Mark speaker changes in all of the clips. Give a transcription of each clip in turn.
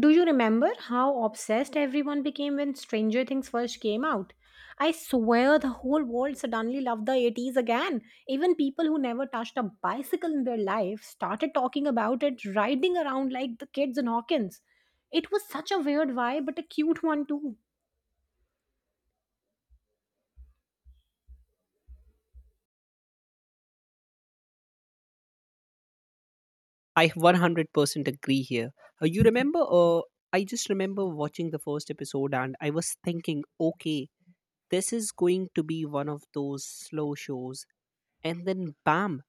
Speaker 1: Do you remember how obsessed everyone became when Stranger Things first came out? I swear the whole world suddenly loved the 80s again. Even people who never touched a bicycle in their life started talking about it, riding around like the kids in Hawkins. It was such a weird vibe, but a cute one too.
Speaker 2: I 100% agree here. Uh, you remember, uh, I just remember watching the first episode and I was thinking, okay, this is going to be one of those slow shows. And then, bam,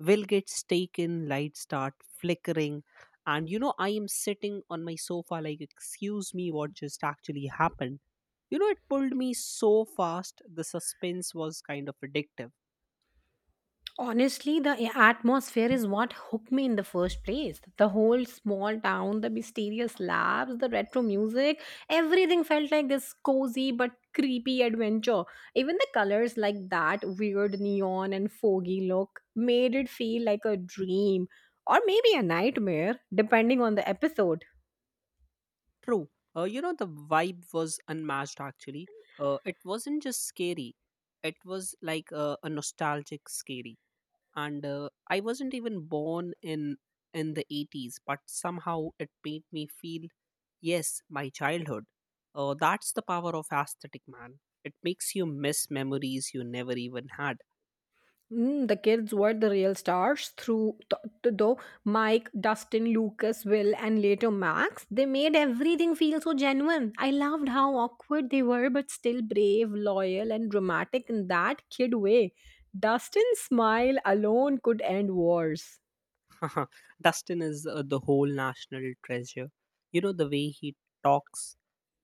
Speaker 2: Will gets taken, lights start flickering. And I am sitting on my sofa, like, excuse me, what just actually happened? It pulled me so fast, the suspense was kind of addictive.
Speaker 1: Honestly, the atmosphere is what hooked me in the first place. The whole small town, the mysterious labs, the retro music, everything felt like this cozy but creepy adventure. Even the colors, like that weird neon and foggy look, made it feel like a dream or maybe a nightmare, depending on the episode.
Speaker 2: True. The vibe was unmatched actually. It wasn't just scary, it was like a nostalgic scary. And I wasn't even born in the 80s, but somehow it made me feel, yes, my childhood. That's the power of aesthetic, man. It makes you miss memories you never even had.
Speaker 1: Mm, the kids were the real stars through though Mike, Dustin, Lucas, Will, and later Max. They made everything feel so genuine. I loved how awkward they were, but still brave, loyal, and dramatic in that kid way. Dustin's smile alone could end wars.
Speaker 2: Dustin is the whole national treasure. The way he talks,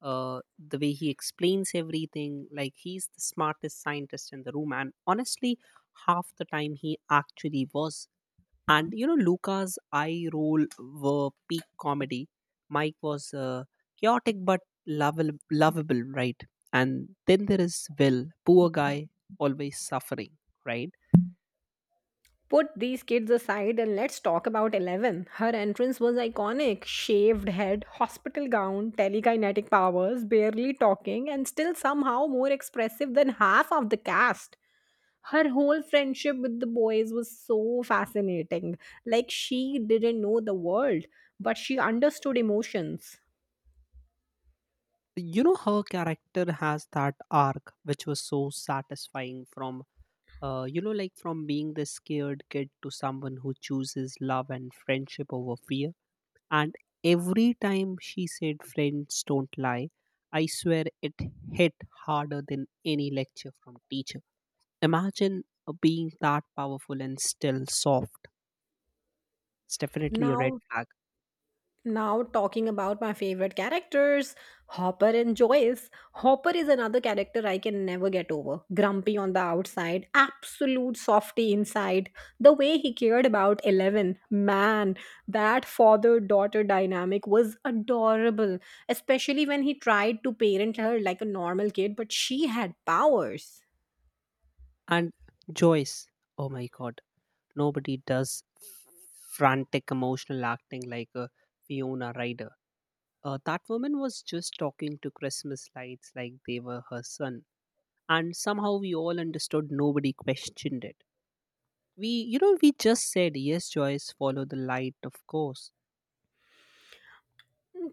Speaker 2: the way he explains everything, like he's the smartest scientist in the room. And honestly, half the time he actually was. And Luca's eye roll were peak comedy. Mike was chaotic but lovable, lovable, right? And then there is Will, poor guy, always suffering, right?
Speaker 1: Put these kids aside and let's talk about Eleven. Her entrance was iconic shaved head, hospital gown, telekinetic powers, barely talking, and still somehow more expressive than half of the cast. Her whole friendship with the boys was so fascinating. Like she didn't know the world, but she understood emotions.
Speaker 2: Her character has that arc which was so satisfying from being the scared kid to someone who chooses love and friendship over fear. And every time she said friends don't lie, I swear it hit harder than any lecture from teacher. Imagine being that powerful and still soft. It's definitely a red
Speaker 1: Now
Speaker 2: flag.
Speaker 1: Now, talking about my favorite characters, Hopper and Joyce. Hopper is another character I can never get over. Grumpy on the outside, absolute softy inside. The way he cared about Eleven, man, that father daughter dynamic was adorable, especially when he tried to parent her like a normal kid, but she had powers.
Speaker 2: And Joyce, oh my God. Nobody does frantic emotional acting like a Fiona Ryder. That woman was just talking to Christmas lights like they were her son. And somehow we all understood, nobody questioned it. We just said, yes, Joyce, follow the light, of course.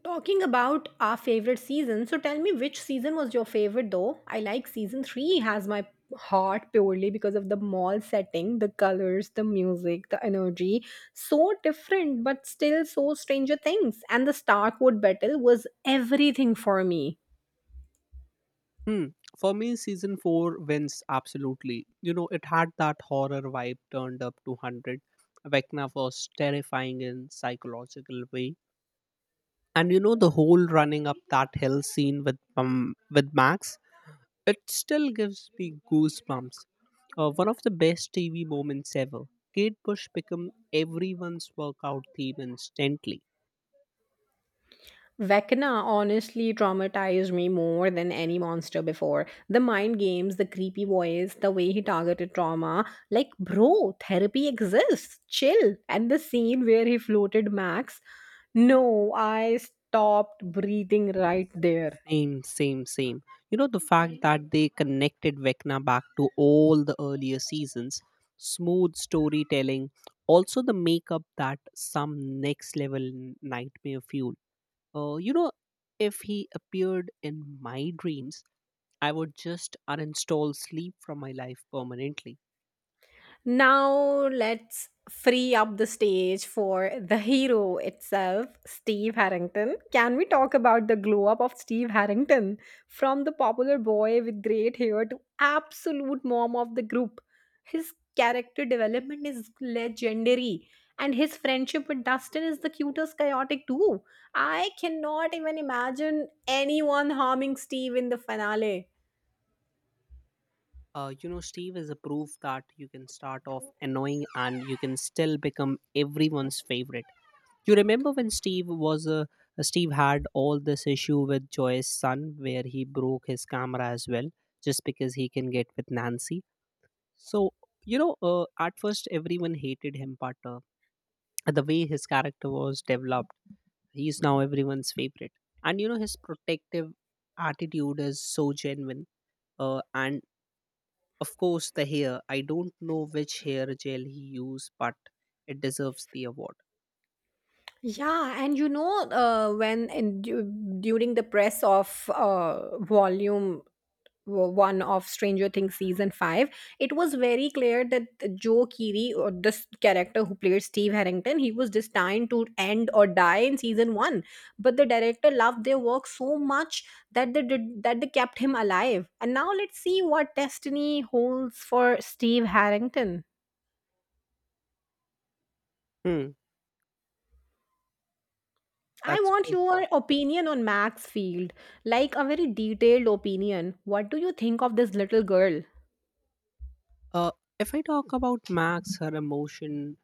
Speaker 1: Talking about our favorite season, so tell me which season was your favorite though? I like season 3 has my heart purely because of the mall setting, the colors, the music, the energy. So different, but still so Stranger Things. And the Starkwood battle was everything for me.
Speaker 2: Hmm. For me, season 4 wins absolutely. It had that horror vibe turned up to 100. Vecna was terrifying in psychological way, and the whole running up that hill scene with with Max, it still gives me goosebumps. One of the best tv moments ever. Kate Bush become everyone's workout theme instantly.
Speaker 1: Vecna honestly traumatized me more than any monster before. The mind games, the creepy voice, the way he targeted trauma. Like, bro, therapy exists. Chill. And the scene where he floated Max. No, I stopped breathing right there.
Speaker 2: Same, same, same. You know, the fact that they connected Vecna back to all the earlier seasons, smooth storytelling. Also the makeup that some next level nightmare fuel. uh, you know if he appeared in my dreams, I would just uninstall sleep from my life permanently.
Speaker 1: Now let's free up the stage for the hero itself, Steve Harrington. Can we talk about the glow up of Steve Harrington from the popular boy with great hair to absolute mom of the group? His character development is legendary and his friendship with Dustin is the cutest chaotic too. I cannot even imagine anyone harming Steve in the finale.
Speaker 2: Steve is a proof that you can start off annoying and you can still become everyone's favorite. You remember when Steve was a Steve had all this issue with Joy's son, where he broke his camera as well, just because he can get with Nancy. So at first everyone hated him, but the way his character was developed. He's now everyone's favorite. And his protective attitude is so genuine. And of course, the hair. I don't know which hair gel he used, but it deserves the award.
Speaker 1: Yeah, and you know, during the press of volume one of Stranger Things season 5, it was very clear that Joe Keery, or this character who played Steve Harrington, he was destined to end or die in season one. But the director loved their work so much that they did that they kept him alive. And now let's see what destiny holds for Steve Harrington.
Speaker 2: Hmm,
Speaker 1: I
Speaker 2: that's
Speaker 1: want
Speaker 2: great.
Speaker 1: your opinion on Maxfield, like a very detailed opinion. What do you think of this little girl?
Speaker 2: Uh, if I talk about Max, her emotion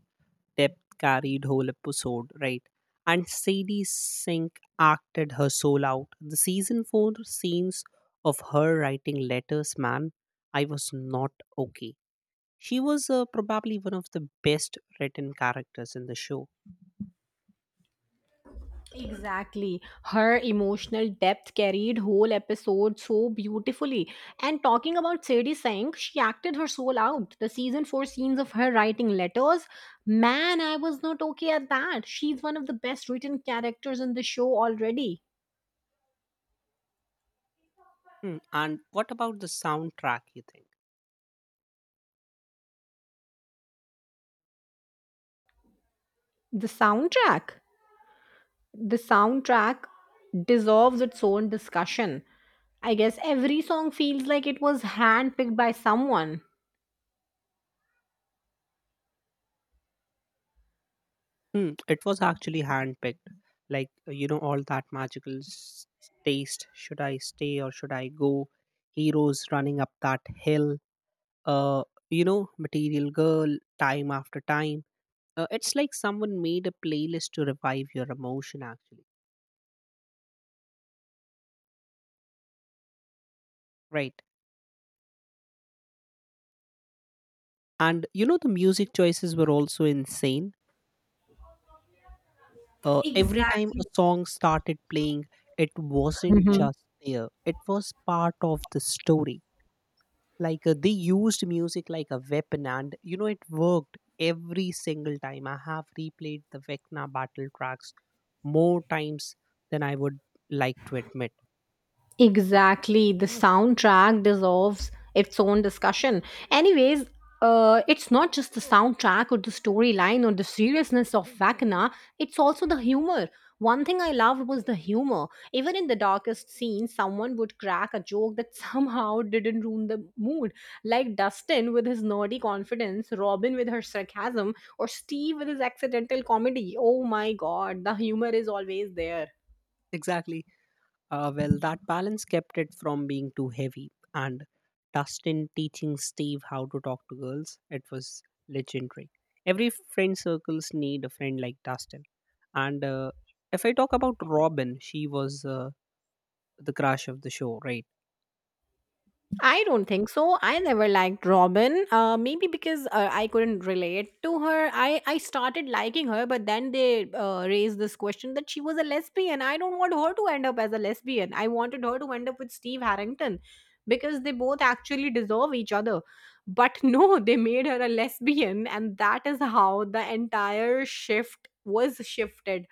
Speaker 2: depth carried whole episode, right? And Sadie Sink acted her soul out. The season 4 scenes of her writing letters, man, I was not okay. She was probably one of the best written characters in the show.
Speaker 1: Exactly. Her emotional depth carried whole episode so beautifully. And talking about Sadie Sink, she acted her soul out. The season 4 scenes of her writing letters, man, I was not okay at that. She's one of the best written characters in the show already.
Speaker 2: Hmm, and what about the soundtrack, you think?
Speaker 1: The soundtrack? The soundtrack deserves its own discussion. I guess every song feels like it was handpicked by someone.
Speaker 2: Hmm, it was actually handpicked. Like, all that magical taste. Should I stay or should I go? Heroes running up that hill, uh, Material Girl, time after time. It's like someone made a playlist to revive your emotion, actually. Right. And the music choices were also insane. Every time
Speaker 1: Exactly.
Speaker 2: a song started playing, it wasn't
Speaker 1: Mhm.
Speaker 2: just there, it was part of the story. Like they used music like a weapon, and it worked every single time. I have replayed the Vecna battle tracks more times than I would like to admit.
Speaker 1: Exactly. The soundtrack deserves its own discussion. Anyways, it's not just the soundtrack or the storyline or the seriousness of Vakana, it's also the humor. One thing I loved was the humor. Even in the darkest scenes, someone would crack a joke that somehow didn't ruin the mood. Like Dustin with his nerdy confidence, Robin with her sarcasm, or Steve with his accidental comedy. Oh my god, the humor is always there.
Speaker 2: Exactly. Well, that balance kept it from being too heavy. And Dustin teaching Steve how to talk to girls, it was legendary. Every friend circles need a friend like Dustin. And if I talk about Robin, she was the crush of the show, right?
Speaker 1: I don't think so. I never liked Robin. Maybe because I couldn't relate to her. I started liking her, but then they raised this question that she was a lesbian. I don't want her to end up as a lesbian. I wanted her to end up with Steve Harrington because they both actually deserve each other. But no, they made her a lesbian, and that is how the entire shift was shifted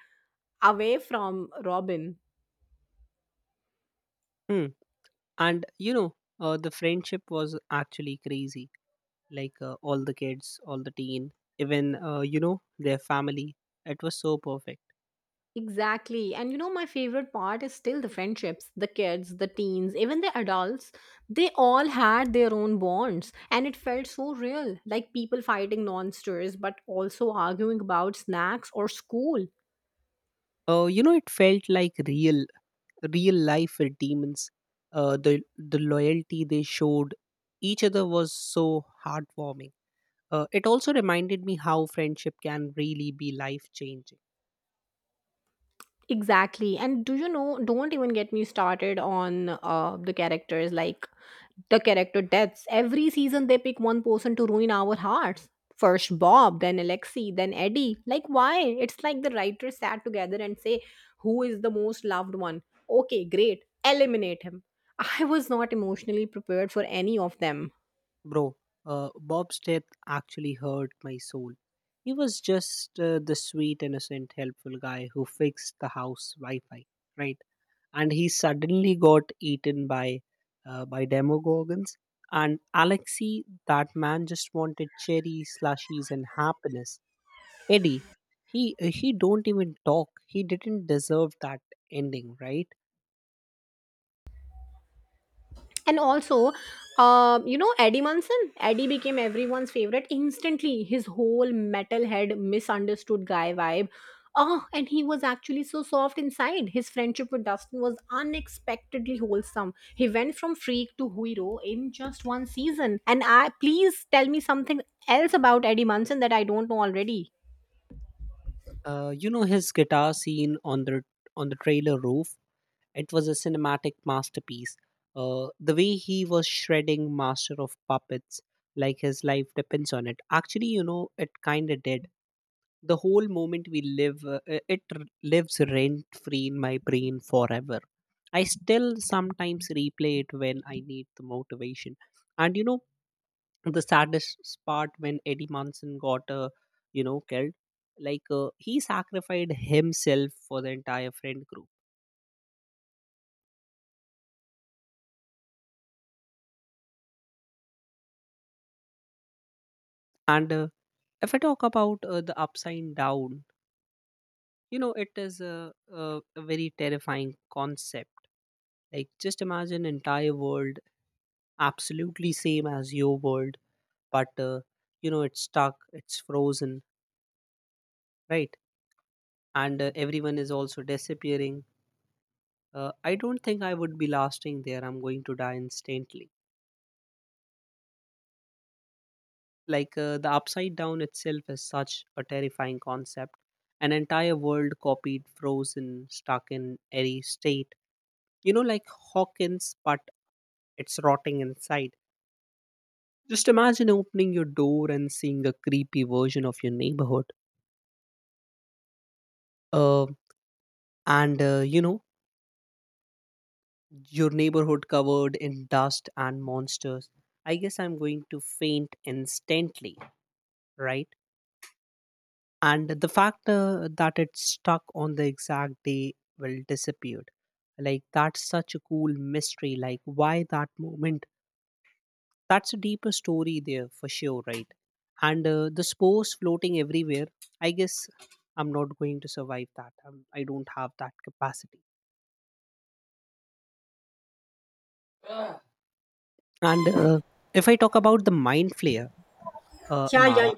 Speaker 1: away from Robin.
Speaker 2: Hmm. And the friendship was actually crazy. Like all the kids, all the teen, even their family. It was so perfect.
Speaker 1: Exactly. And you know, my favorite part is still the friendships, the kids, the teens, even the adults. They all had their own bonds, and it felt so real like people fighting monsters, but also arguing about snacks or school.
Speaker 2: It felt like real life with demons. The loyalty they showed each other was so heartwarming. It also reminded me how friendship can really be life changing,
Speaker 1: Exactly. And do you know, don't even get me started on the character deaths. Every season they pick one person to ruin our hearts. First Bob, then Alexi, then Eddie. Like why? It's like the writers sat together and say, who is the most loved one? Okay, great. Eliminate him. I was not emotionally prepared for any of them.
Speaker 2: bro. Bob's death actually hurt my soul. He was just the sweet, innocent, helpful guy who fixed the house Wi-Fi, right? And he suddenly got eaten by by demogorgons. And Alexei, that man just wanted cherry slushies and happiness. Eddie, he don't even talk. He didn't deserve that ending, right?
Speaker 1: And also, Eddie Munson? Eddie became everyone's favorite instantly. His whole metalhead, misunderstood guy vibe. Oh, and he was actually so soft inside. His friendship with Dustin was unexpectedly wholesome. He went from freak to hero in just one season. And I please tell me something else about Eddie Munson that I don't know already.
Speaker 2: His guitar scene on the trailer roof. It was a cinematic masterpiece. The way he was shredding Master of Puppets, like his life depends on it. Actually, it kind of did. The whole moment we live, it lives rent free in my brain forever. I still sometimes replay it when I need the motivation. And the saddest part when Eddie Munson got killed, like he sacrificed himself for the entire friend group. And if I talk about the upside down, it is a very terrifying concept. Like just imagine entire world absolutely same as your world, but it's stuck, it's frozen, right? And everyone is also disappearing. I don't think I would be lasting there. I'm going to die instantly. Like the upside down itself is such a terrifying concept. An entire world copied, frozen, stuck in airy state. Like Hawkins, but it's rotting inside. Just imagine opening your door and seeing a creepy version of your neighborhood. Uh, and uh, you know, your neighborhood covered in dust and monsters. I guess I'm going to faint instantly, right? And the fact that it's stuck on the exact day will disappear, like that's such a cool mystery, like why that moment. That's a deeper story there for sure, right? And the spores floating everywhere. I guess I'm not going to survive that. I don't have that capacity. And if I talk about the mind flare, amara,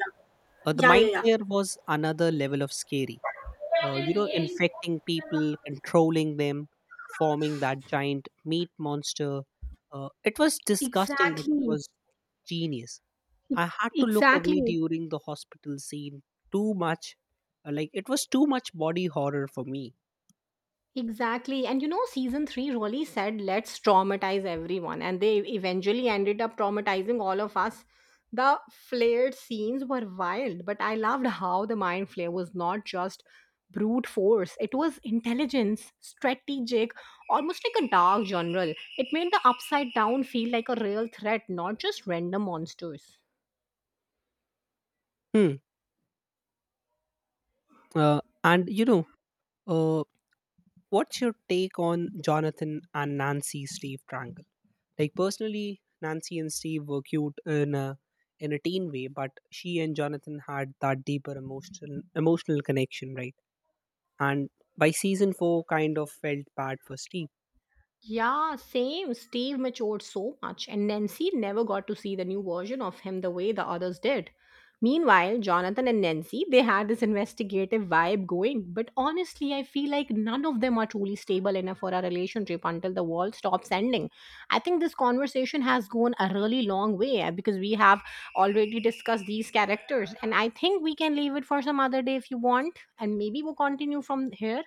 Speaker 2: the
Speaker 1: Yeah, yeah,
Speaker 2: mind
Speaker 1: yeah.
Speaker 2: flare was another level of scary. Infecting people, controlling them, forming that giant meat monster. It was disgusting, but it
Speaker 1: Exactly.
Speaker 2: was genius. I had to look away
Speaker 1: Exactly.
Speaker 2: during the hospital scene. Too much, like it was too much body horror for me.
Speaker 1: Exactly. And you know, season 3 really said, let's traumatize everyone. And they eventually ended up traumatizing all of us. The flared scenes were wild, but I loved how the mind flare was not just brute force, it was intelligence, strategic, almost like a dark general. It made the upside down feel like a real threat, not just random monsters.
Speaker 2: Hmm. Uh, and you know, uh, What's your take on Jonathan and Nancy Steve triangle? Like personally, Nancy and Steve were cute in a teen way, but she and Jonathan had that deeper emotional connection, right? And by season 4, kind of felt bad for Steve.
Speaker 1: Yeah, same. Steve matured so much, and Nancy never got to see the new version of him the way the others did. Meanwhile, Jonathan and Nancy, they had this investigative vibe going, but honestly, I feel like none of them are truly stable enough for a relationship until the world stops ending. I think this conversation has gone a really long way because we have already discussed these characters, and I think we can leave it for some other day if you want, and maybe we'll continue from here.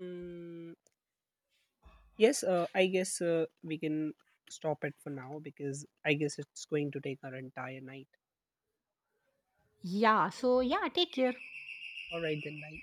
Speaker 2: Mm, yes, I guess we can stop it for now because I guess it's going to take our entire night.
Speaker 1: Yeah, so yeah, take care.
Speaker 2: All right then, bye.